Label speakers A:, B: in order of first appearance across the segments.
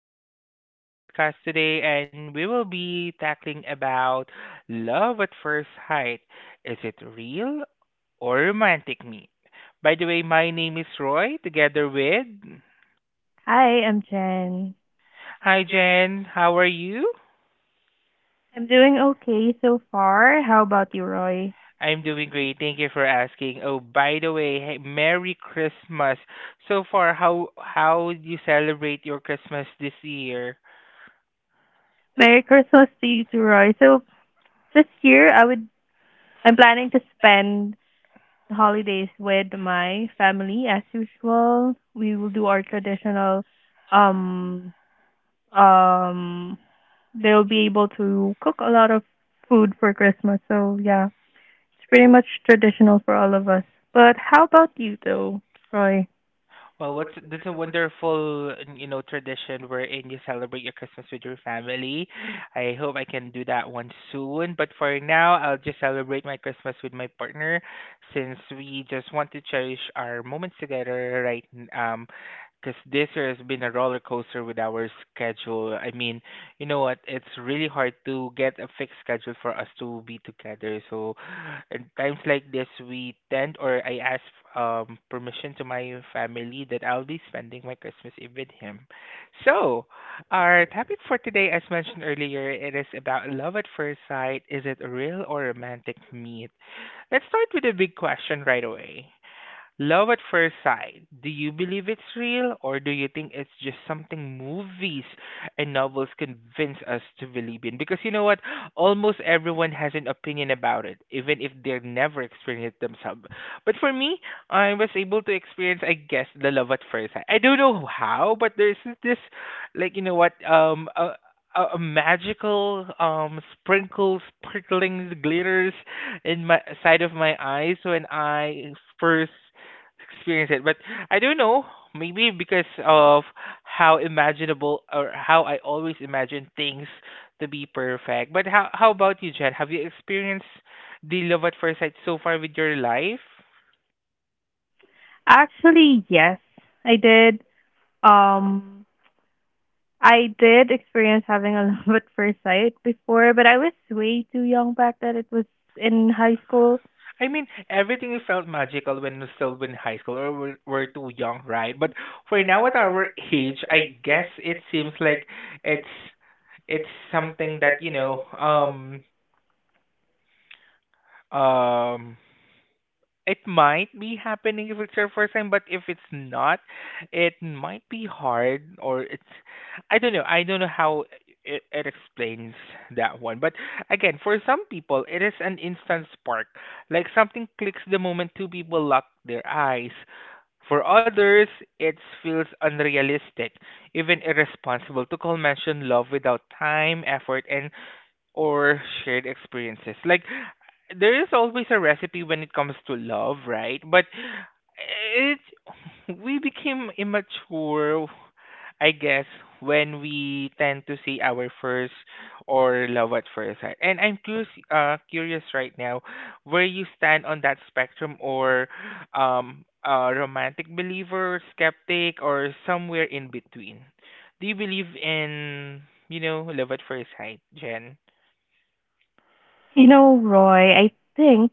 A: welcome to our podcast today and we will be tackling about love at first sight. Is it real or romantic meet? By the way, my name is Roy together with.
B: Hi, I'm Jen.
A: Hi, Jen, how are you?
B: I'm doing okay so far. How about you, Roy?
A: I'm doing great. Thank you for asking. Oh, by the way, hey, Merry Christmas. So far, how do you celebrate your Christmas this year?
B: Merry Christmas to you too, Roy. So this year I'm planning to spend the holidays with my family as usual. We will do our traditional um um they'll be able to cook a lot of food for Christmas. So yeah, it's pretty much traditional for all of us. But how about you though, Roy?
A: Well, what's this is a wonderful, tradition wherein you celebrate your Christmas with your family. I hope I can do that one soon. But for now, I'll just celebrate my Christmas with my partner, since we just want to cherish our moments together, right? Because this year has been a roller coaster with our schedule. I mean, you know what? It's really hard to get a fixed schedule for us to be together. So in times like this, we tend or I ask permission to my family that I'll be spending my Christmas Eve with him. So, our topic for today, as mentioned earlier, it is about love at first sight. Is it a real or romantic meet? Let's start with a big question right away. Love at first sight. Do you believe it's real, or do you think it's just something movies and novels convince us to believe in? Because you know what? Almost everyone has an opinion about it, even if they never experienced it themselves. But for me, I was able to experience, I guess, the love at first sight. I don't know how, but there's this, like, you know what? A magical sprinkles, sparklings, glitters in my side of my eyes when I first experience it. But I don't know, maybe because of how imaginable or how I always imagine things to be perfect. But how about you, Jen? Have you experienced the love at first sight so far with your life?
B: Actually, yes. I did Um, I did experience having a love at first sight before, but I was way too young back then. It was in high school.
A: I mean, everything felt magical when we're still in high school or we're too young, right? But for now at our age, I guess it seems like it's it's something that um it might be happening if it's your first time, but if it's not, it might be hard or it's, I don't know. I don't know how it explains that one. But again, for some people, it is an instant spark. Like something clicks the moment two people lock their eyes. For others, it feels unrealistic, even irresponsible to call mention love without time, effort, and or shared experiences. Like there is always a recipe when it comes to love, right? But it we became immature, I guess, when we tend to see our first or love at first sight. And I'm curious right now, where you stand on that spectrum, or a romantic believer, skeptic, or somewhere in between. Do you believe in love at first sight, Jen?
B: You know, Roy, I think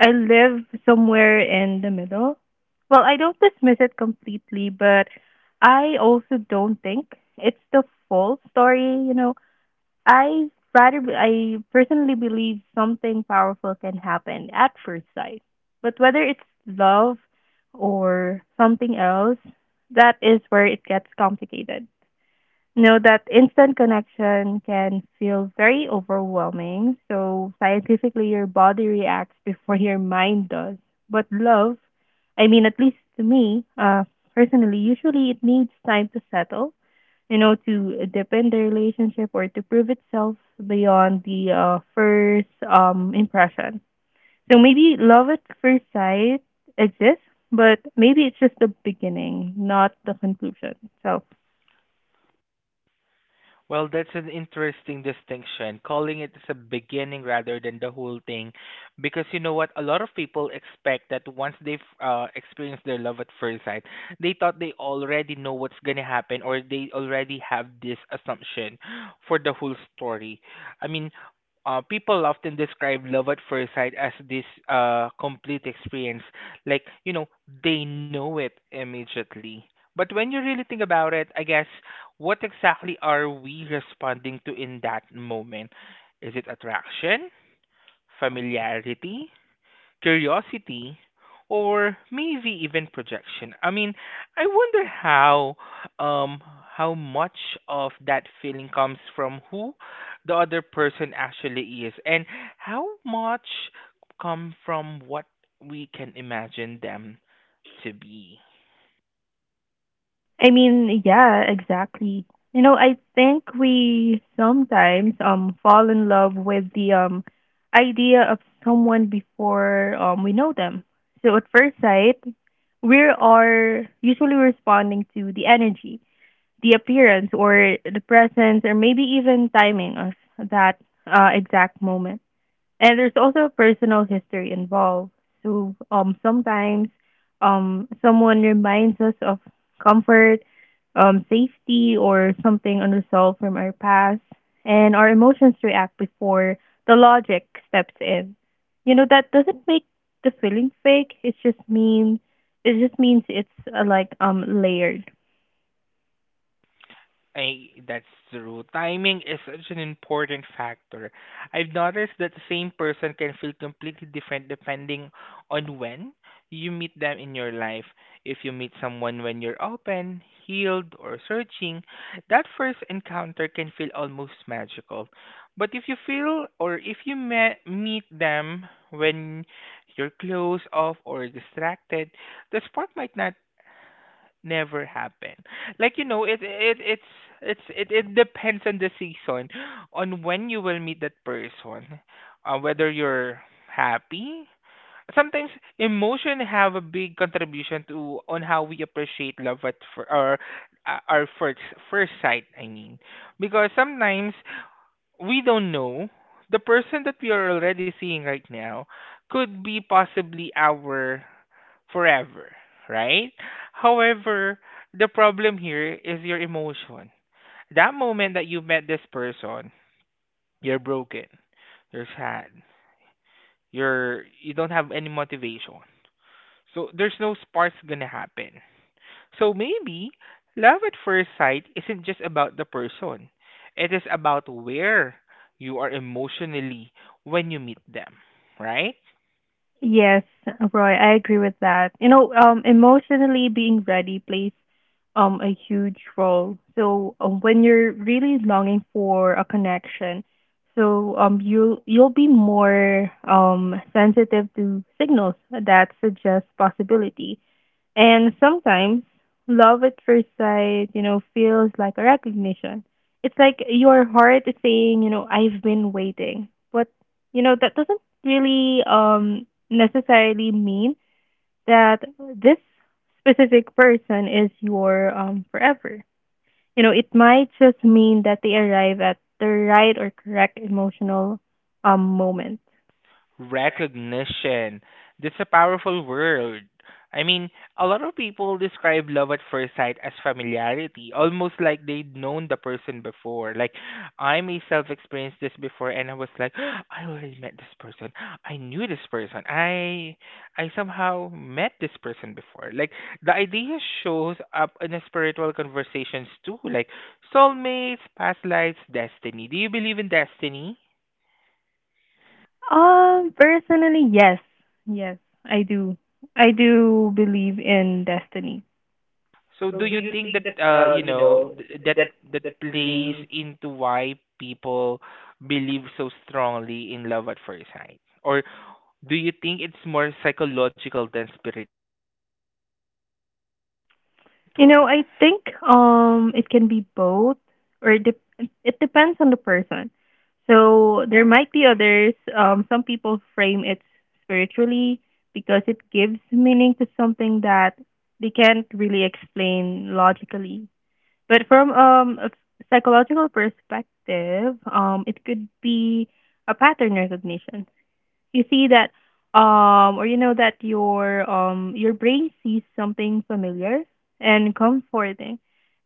B: I live somewhere in the middle. Well, I don't dismiss it completely, but I also don't think it's the full story. I personally believe something powerful can happen at first sight. But whether it's love or something else, that is where it gets complicated know that instant connection can feel very overwhelming. So, scientifically, your body reacts before your mind does. But love, I mean, at least to me, personally, usually it needs time to settle, you know, to deepen the relationship or to prove itself beyond the first impression. So, maybe love at first sight exists, but maybe it's just the beginning, not the conclusion. So,
A: Well, that's an interesting distinction, calling it as a beginning rather than the whole thing. Because you know what? A lot of people expect that once they've experienced their love at first sight, they thought they already know what's going to happen, or they already have this assumption for the whole story. I mean, people often describe love at first sight as this complete experience. Like, you know, they know it immediately. But when you really think about it, I guess what exactly are we responding to in that moment? Is it attraction, familiarity, curiosity, or maybe even projection? I mean, I wonder um how much of that feeling comes from who the other person actually is, and how much come from what we can imagine them to be.
B: I mean, yeah, exactly. You know, I think we sometimes fall in love with the idea of someone before we know them. So at first sight, we are usually responding to the energy, the appearance or the presence or maybe even timing of that exact moment, and there's also personal history involved. So sometimes someone reminds us of comfort, safety, or something unresolved from our past, and our emotions react before the logic steps in. You know that doesn't make the feeling fake. It's just mean it just means it's like layered.
A: That's true. Timing is such an important factor. I've noticed that the same person can feel completely different depending on when you meet them in your life. If you meet someone when you're open, healed, or searching, that first encounter can feel almost magical. But if you meet them when you're closed off or distracted, the spark might not never happen. Like, it it it's it, it depends on the season, on when you will meet that person, whether you're happy. Sometimes emotion have a big contribution to on how we appreciate love at fir- or our first sight. I mean, because sometimes we don't know the person that we are already seeing right now could be possibly our forever, right? However, the problem here is your emotion. That moment that you met this person, you're broken, you're sad, you don't have any motivation. So there's no sparks gonna happen. So maybe love at first sight isn't just about the person. It is about where you are emotionally when you meet them, right?
B: Yes, Roy, I agree with that. You know, emotionally being ready plays a huge role. So when you're really longing for a connection, so you'll be more sensitive to signals that suggest possibility. And sometimes love at first sight, you know, feels like a recognition. It's like your heart is saying, you know, I've been waiting. But, you know, that doesn't really necessarily mean that this specific person is your forever. You know, it might just mean that they arrive at the right or correct emotional moment.
A: Recognition. That's a powerful word. I mean, a lot of people describe love at first sight as familiarity, almost like they'd known the person before. Like, I myself experienced this before, and I was like, I already met this person. I knew this person. I somehow met this person before. Like, the idea shows up in spiritual conversations too, like soulmates, past lives, destiny. Do you believe in destiny?
B: Personally, yes. Yes, I do. I do believe in destiny.
A: So do you think that you know th- that that plays into why people believe so strongly in love at first sight? Or do you think it's more psychological than spiritual?
B: You know, I think it can be both or it depends on the person. So there might be others, some people frame it spiritually because it gives meaning to something that they can't really explain logically. But from a psychological perspective, it could be a pattern recognition. You see that or you know that your brain sees something familiar and comforting,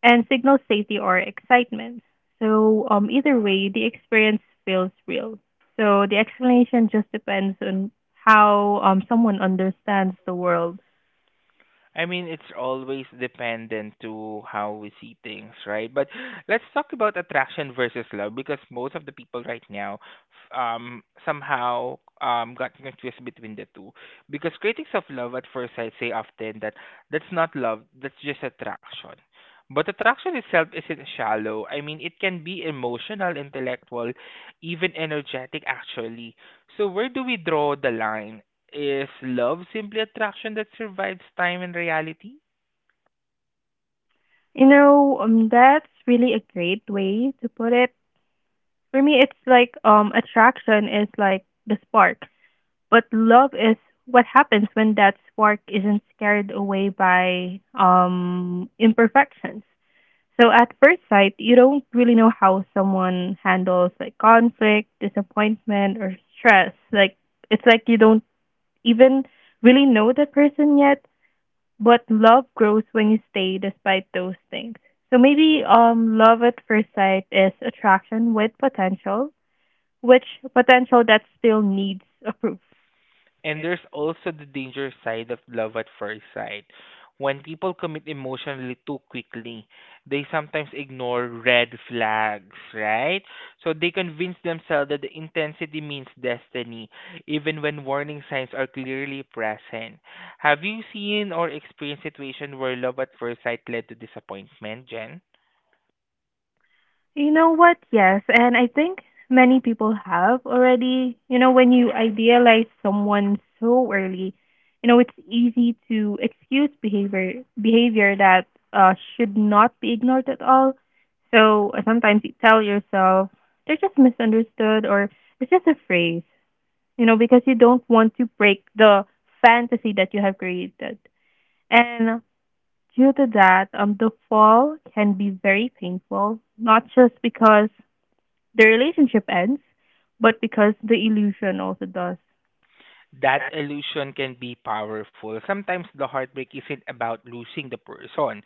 B: and signals safety or excitement. So either way, the experience feels real, so the explanation just depends on how someone understands the world.
A: I mean, it's always dependent to how we see things, right? But let's talk about attraction versus love, because most of the people right now somehow got confused between the two. Because critics of love at first sight say often that that's not love, that's just attraction. But attraction itself isn't shallow. I mean, it can be emotional, intellectual, even energetic, actually. So, where do we draw the line? Is love simply attraction that survives time and reality?
B: You know, that's really a great way to put it. For me it's like attraction is like the spark. But love is what happens when that spark isn't scared away by imperfections. So at first sight, you don't really know how someone handles like conflict, disappointment, or stress. Like it's like you don't even really know that person yet. But love grows when you stay despite those things. So maybe love at first sight is attraction with potential, which potential that still needs a proof.
A: And there's also the danger side of love at first sight. When people commit emotionally too quickly, they sometimes ignore red flags, right? So they convince themselves that the intensity means destiny, even when warning signs are clearly present. Have you seen or experienced situation where love at first sight led to disappointment, Jen?
B: You know what? Yes. And I think many people have already. You know, when you idealize someone so early, you know, it's easy to excuse behavior that should not be ignored at all. So sometimes you tell yourself they're just misunderstood or it's just a phrase, you know, because you don't want to break the fantasy that you have created. And due to that, the fall can be very painful, not just because the relationship ends, but because the illusion also does.
A: That illusion can be powerful. Sometimes the heartbreak isn't about losing the person,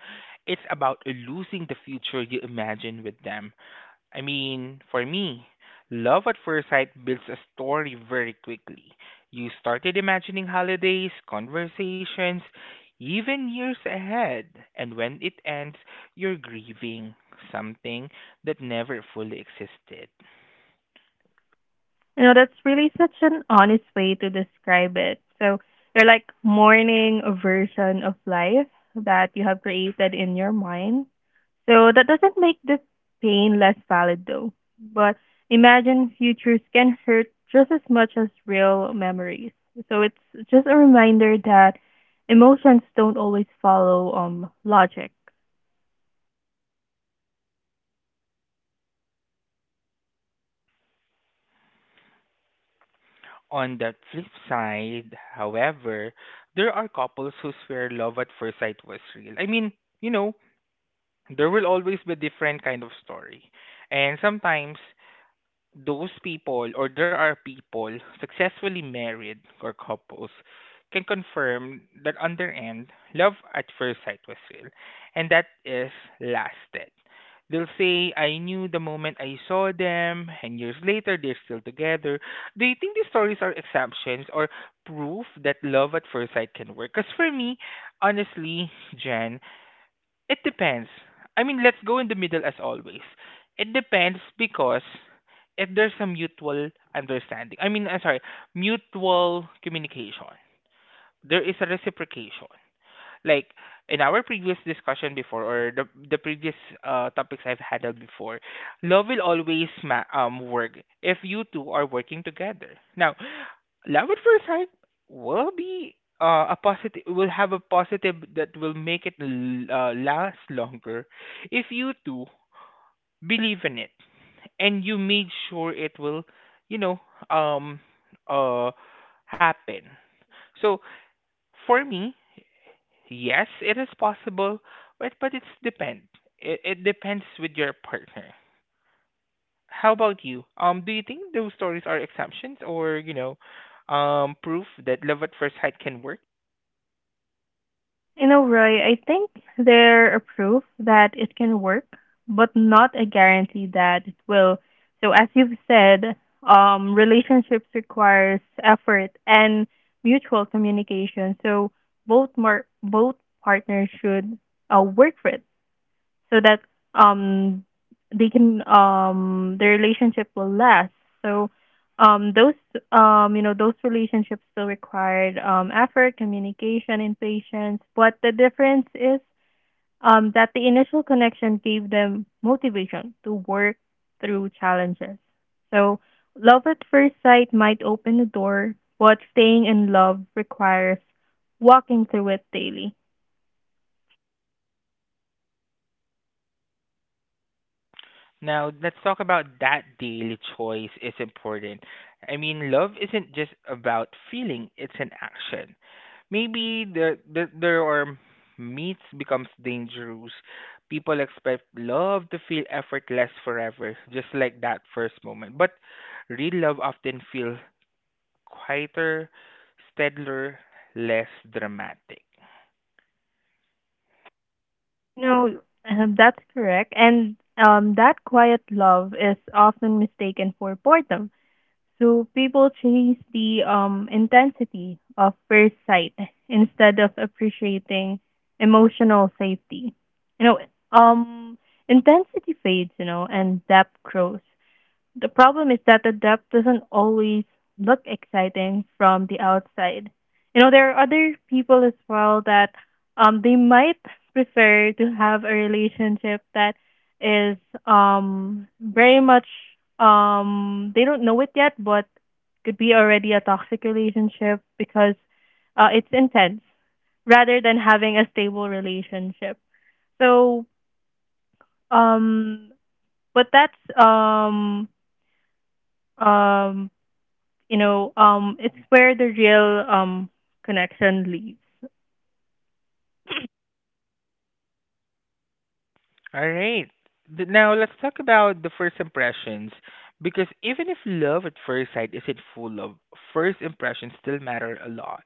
A: it's about losing the future you imagine with them. I mean, for me, love at first sight builds a story very quickly. You started imagining holidays, conversations, even years ahead, and when it ends, you're grieving something that never fully existed.
B: You know, that's really such an honest way to describe it. So you're like mourning a version of life that you have created in your mind. So that doesn't make the pain less valid though. But imagined futures can hurt just as much as real memories. So it's just a reminder that emotions don't always follow logic.
A: On the flip side, however, there are couples who swear love at first sight was real. I mean, you know, there will always be different kind of story. And sometimes those people, or there are people successfully married or couples, can confirm that on their end, love at first sight was real and that is lasted. They'll say, I knew the moment I saw them, and years later they're still together. Do you think these stories are exceptions or proof that love at first sight can work? Because for me, honestly, Jen, it depends. I mean, let's go in the middle as always. It depends, because if there's a mutual understanding, I mean, I'm sorry, mutual communication, there is a reciprocation. Like in our previous discussion before, or the previous topics I've handled before, love will always work if you two are working together. Now, love at first sight will be will have a positive that will make it last longer if you two believe in it and you made sure it will you know um uh happen. So for me, yes, it is possible, but it's depend it depends with your partner. How about you, do you think those stories are exemptions or proof that love at first sight can work?
B: You know, Roy, I think they're a proof that it can work, but not a guarantee that it will. So, as you've said, relationships requires effort and mutual communication. So, both partners should work for it so that um they can their relationship will last. So those you know, those relationships still required effort, communication and patience, but the difference is that the initial connection gave them motivation to work through challenges. So love at first sight might open the door, but staying in love requires walking through it daily.
A: Now, let's talk about that daily choice is important. I mean, love isn't just about feeling, it's an action. Maybe there are meets becomes dangerous. People expect love to feel effortless forever, just like that first moment. But real love often feels quieter, steadier, less dramatic.
B: No, that's correct. And that quiet love is often mistaken for boredom. So people chase the intensity of first sight instead of appreciating emotional safety. You know, um, intensity fades, you know, and depth grows. The problem is that the depth doesn't always look exciting from the outside. You know, there are other people as well that they might prefer to have a relationship that is very much they don't know it yet, but could be already a toxic relationship because it's intense rather than having a stable relationship. So um but that's um you know, it's where the real connection lives.
A: All right. Now let's talk about the first impressions, because even if love at first sight isn't full love, first impressions still matter a lot.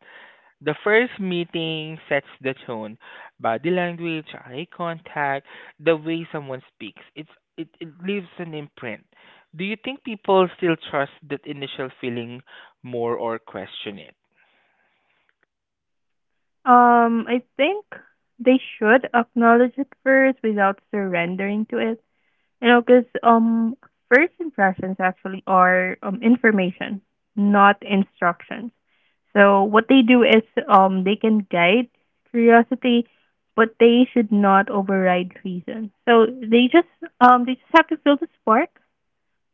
A: The first meeting sets the tone, body language, eye contact, the way someone speaks. It leaves an imprint. Do you think people still trust that initial feeling more or question it?
B: I think they should acknowledge it first without surrendering to it. You know, because first impressions actually are information, not instructions. So what they do is they can guide curiosity, but they should not override reason. So they just have to feel the spark,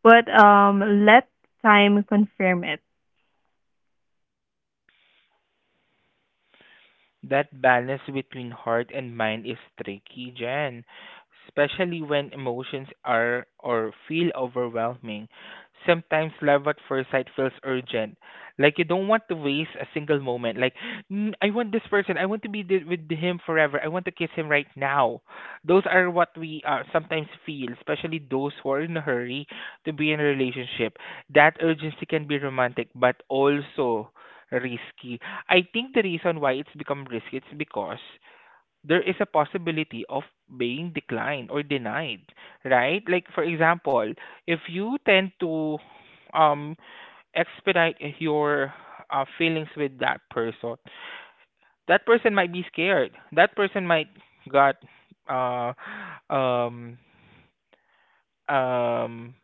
B: but let time confirm it.
A: That balance between heart and mind is tricky, Jen, especially when emotions are or feel overwhelming. Sometimes love at first sight feels urgent, like you don't want to waste a single moment. Like, "Mm, I want this person, I want to be with him forever, I want to kiss him right now." Those are what we sometimes feel, especially those who are in a hurry to be in a relationship. That urgency can be romantic, but also risky. I think the reason why it's become risky is because there is a possibility of being declined or denied, right? Like for example, if you tend to um expedite your feelings with that person might be scared. That person might got uh um um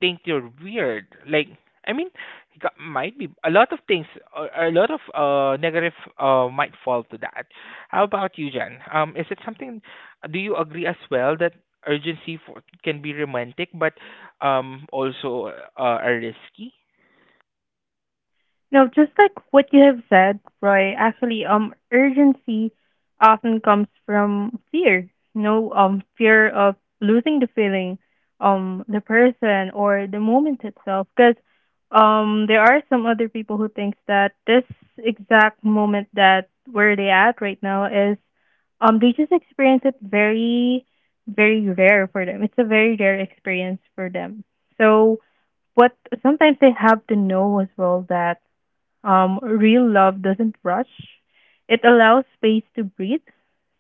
A: think you're weird. Like, I mean, might be a lot of things, a lot of negative might fall to that. How about you, Jen? Is it something? Do you agree as well that urgency for, can be romantic, but also a risky?
B: No, just like what you have said, Roy, actually, urgency often comes from fear. No, fear of losing the feeling, the person or the moment itself. Because, there are some other people who thinks that this exact moment that where they at right now is, they just experience it very, very rare for them. It's a very rare experience for them. So, what sometimes they have to know as well that real love doesn't rush. It allows space to breathe.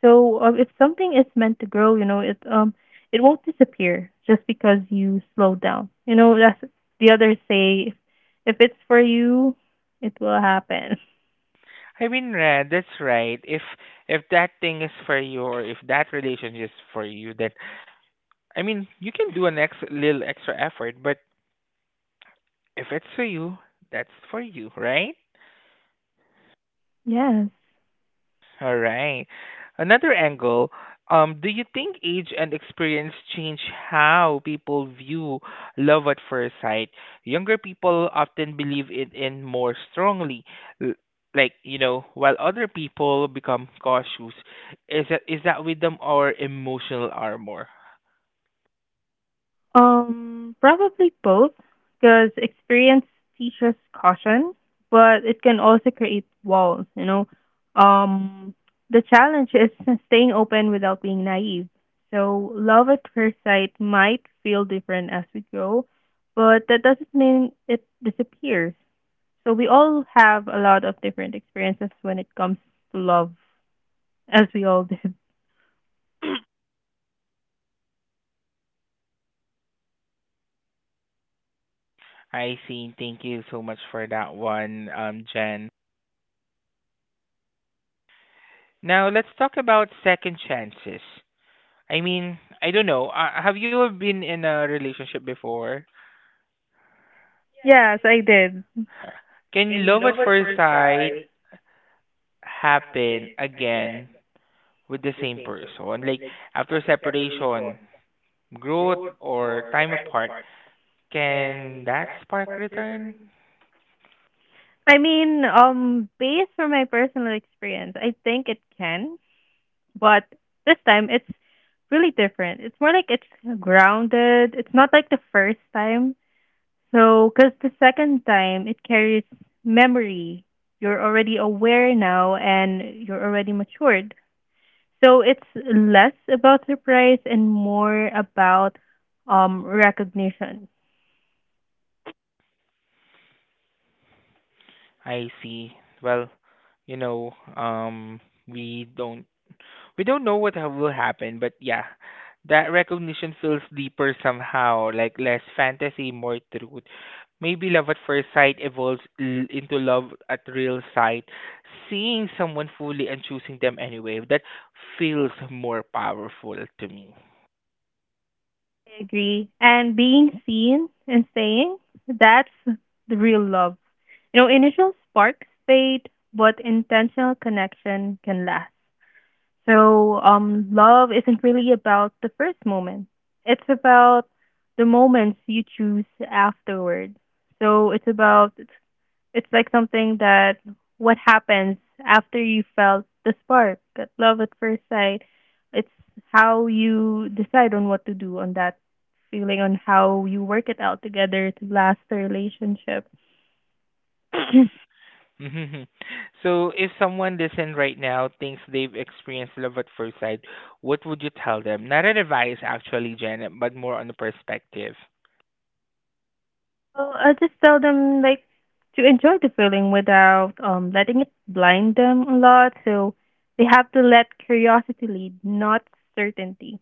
B: So if something is meant to grow, you know, it won't disappear just because you slow down. You know, that's the others say, if it's for you, it will happen.
A: I mean, Red, that's right. If that thing is for you, or if that relationship is for you, then I mean, you can do an ex little extra effort, but if it's for you, that's for you, right?
B: Yes.
A: All right. Another angle. Do you think age and experience change how people view love at first sight? Younger people often believe it in more strongly, l- like, while other people become cautious. Is that wisdom or emotional armor?
B: Probably both, because experience teaches caution, but it can also create walls, you know. Um, the challenge is staying open without being naive. So, love at first sight might feel different as we grow, but that doesn't mean it disappears. So, we all have a lot of different experiences when it comes to love, as we all did.
A: I see. Thank you so much for that one, Jen. Now let's talk about second chances. I mean, I don't know. Have you been in a relationship before?
B: Yes, I did.
A: Can love at first sight happen again with the same person? Like after separation, growth, or time apart, can that spark return?
B: I mean, based from my personal experience, I think it can, but this time it's really different. It's more like it's grounded. It's not like the first time. So, because the second time it carries memory. You're already aware now and you're already matured. So it's less about surprise and more about recognition.
A: I see. Well, you know, um, we don't we don't know will happen, but yeah, that recognition feels deeper somehow, like less fantasy, more truth. Maybe love at first sight evolves into love at real sight, seeing someone fully and choosing them anyway. That feels more powerful to me.
B: I agree. And being seen and staying, that's the real love. You know, initial sparks fade, but intentional connection can last. So, love isn't really about the first moment. It's about the moments you choose afterward. So it's about it's like something that what happens after you felt the spark, that love at first sight. It's how you decide on what to do on that feeling, on how you work it out together to last the relationship.
A: Mhm. So, if someone listening right now thinks they've experienced love at first sight, what would you tell them? Not an advice, actually, Jen, but more on a perspective.
B: Well, I just tell them like to enjoy the feeling without letting it blind them a lot. So they have to let curiosity lead, not certainty.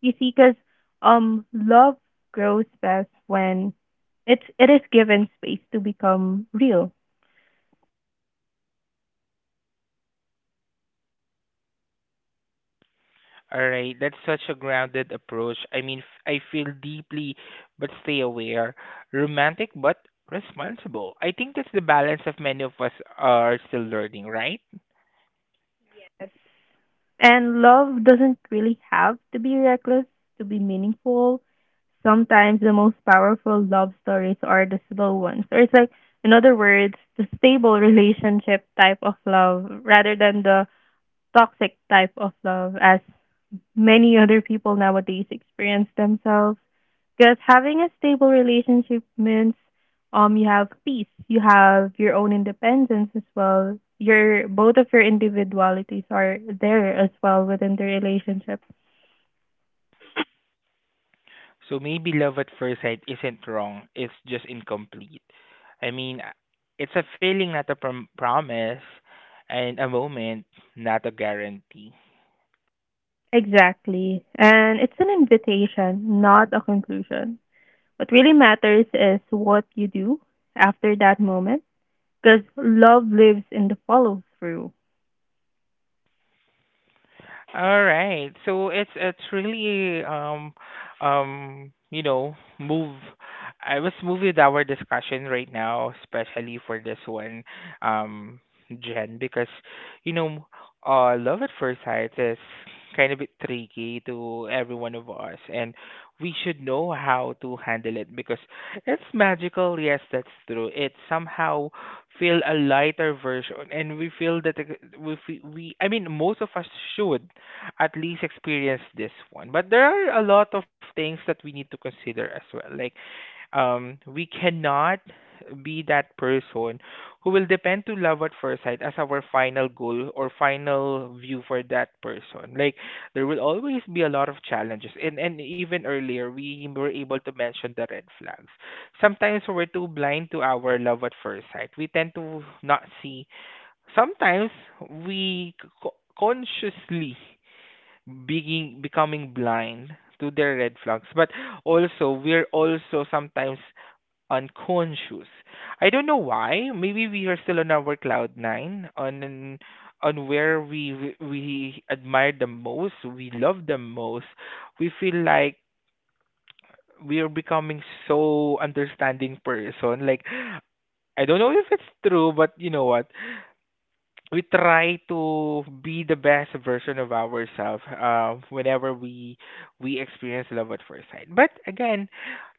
B: You see, because love grows best when it is given space to become real.
A: All right, that's such a grounded approach. I mean, I feel deeply but stay aware, romantic but responsible. I think that's the balance of many of us are still learning, right?
B: Yes. And love doesn't really have to be reckless to be meaningful. Sometimes the most powerful love stories are the slow ones. Or it's like, in other words, the stable relationship type of love rather than the toxic type of love as many other people nowadays experience themselves. Because having a stable relationship means you have peace, you have your own independence as well. Your both of your individualities are there as well within the relationship.
A: So maybe love at first sight isn't wrong, it's just incomplete. I mean, it's a feeling, not a promise, and a moment, not a guarantee.
B: Exactly. And it's an invitation, not a conclusion. What really matters is what you do after that moment because love lives in the follow through.
A: All right. So it's really move. I was moved with our discussion right now, especially for this one, um, Jen, because you know, love at first sight is kind of a bit tricky to every one of us, and we should know how to handle it because it's magical. Yes, that's true. It's somehow feel a lighter version, and we feel that ex- we fe- we I mean most of us should at least experience this one, but there are a lot of things that we need to consider as well, like we cannot be that person who will depend to love at first sight as our final goal or final view for that person. Like, there will always be a lot of challenges, and even earlier we were able to mention the red flags. Sometimes we're too blind to our love at first sight. We tend to not see. Sometimes we c- consciously being becoming blind to their red flags, but also we're also sometimes unconscious. I don't know why. Maybe we are still on our cloud nine, on where we admire the most, we love the most. We feel like we are becoming so understanding person. Like, I don't know if it's true, but you know what? We try to be the best version of ourselves whenever we experience love at first sight. But again,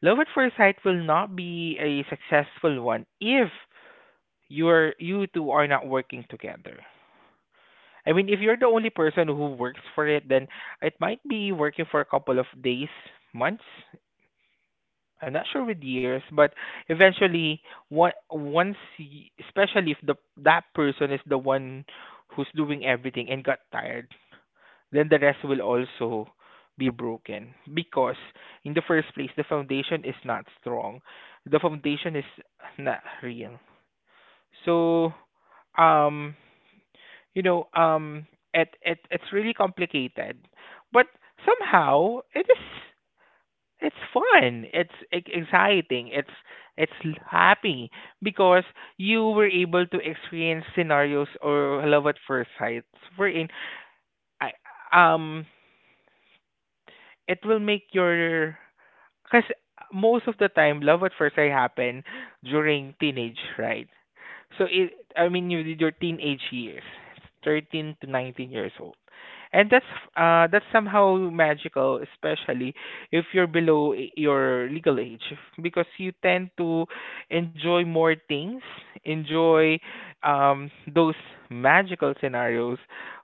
A: love at first sight will not be a successful one if you two are not working together. I mean, if you're the only person who works for it, then it might be working for a couple of days, months. I'm not sure with years, but eventually, one once, especially if the that person is the one who's doing everything and got tired, then the rest will also be broken because in the first place the foundation is not strong, the foundation is not real. So um you know um it's really complicated, but somehow it is. It's fun, it's exciting, it's happy because you were able to experience scenarios or love at first sight wherein I um it will make your. Because most of the time love at first sight happen during teenage, right? So it I mean, you did your teenage years, 13 to 19 years old, and that's somehow magical, especially if you're below your legal age, because you tend to enjoy more things, enjoy those magical scenarios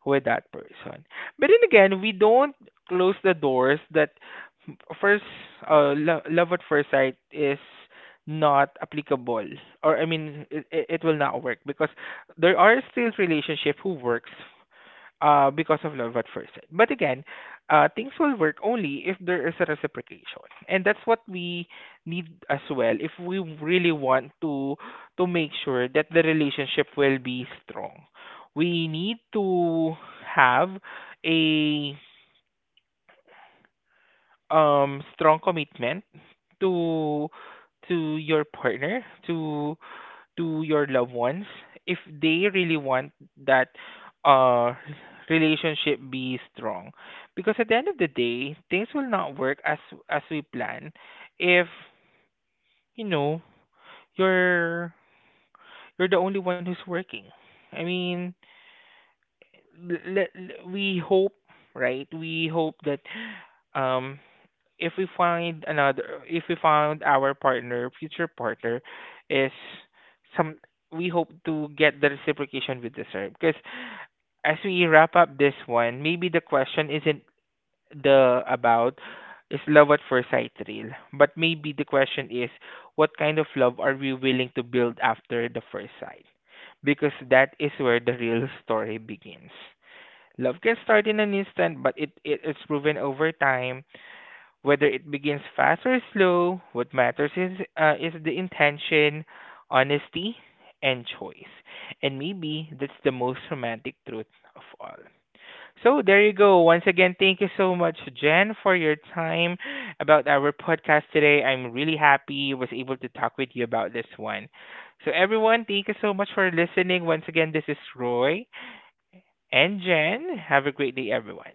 A: with that person. But then again, we don't close the doors that first love at first sight is not applicable, or I mean it will not work because there are still relationship who works because of love at first sight. But again, things will work only if there is a reciprocation, and that's what we need as well if we really want to make sure that the relationship will be strong. We need to have a strong commitment to to your partner, to your loved ones, if they really want that uh relationship be strong, because at the end of the day things will not work as we plan if you know you're you're the only one who's working. I mean, we hope, right? We hope that um if we found our partner future partner is some we hope to get the reciprocation we deserve. Because as we wrap up this one, maybe the question isn't the about is love at first sight real, but maybe the question is, what kind of love are we willing to build after the first sight? Because that is where the real story begins. Love can start in an instant, but it is proven over time. Whether it begins fast or slow, what matters is the intention, honesty, and choice. And maybe that's the most romantic truth of all. So there you go. Once again, thank you so much, Jen, for your time about our podcast today. I'm really happy I was able to talk with you about this one. So everyone, thank you so much for listening. Once again, this is Roy and Jen. Have a great day, everyone.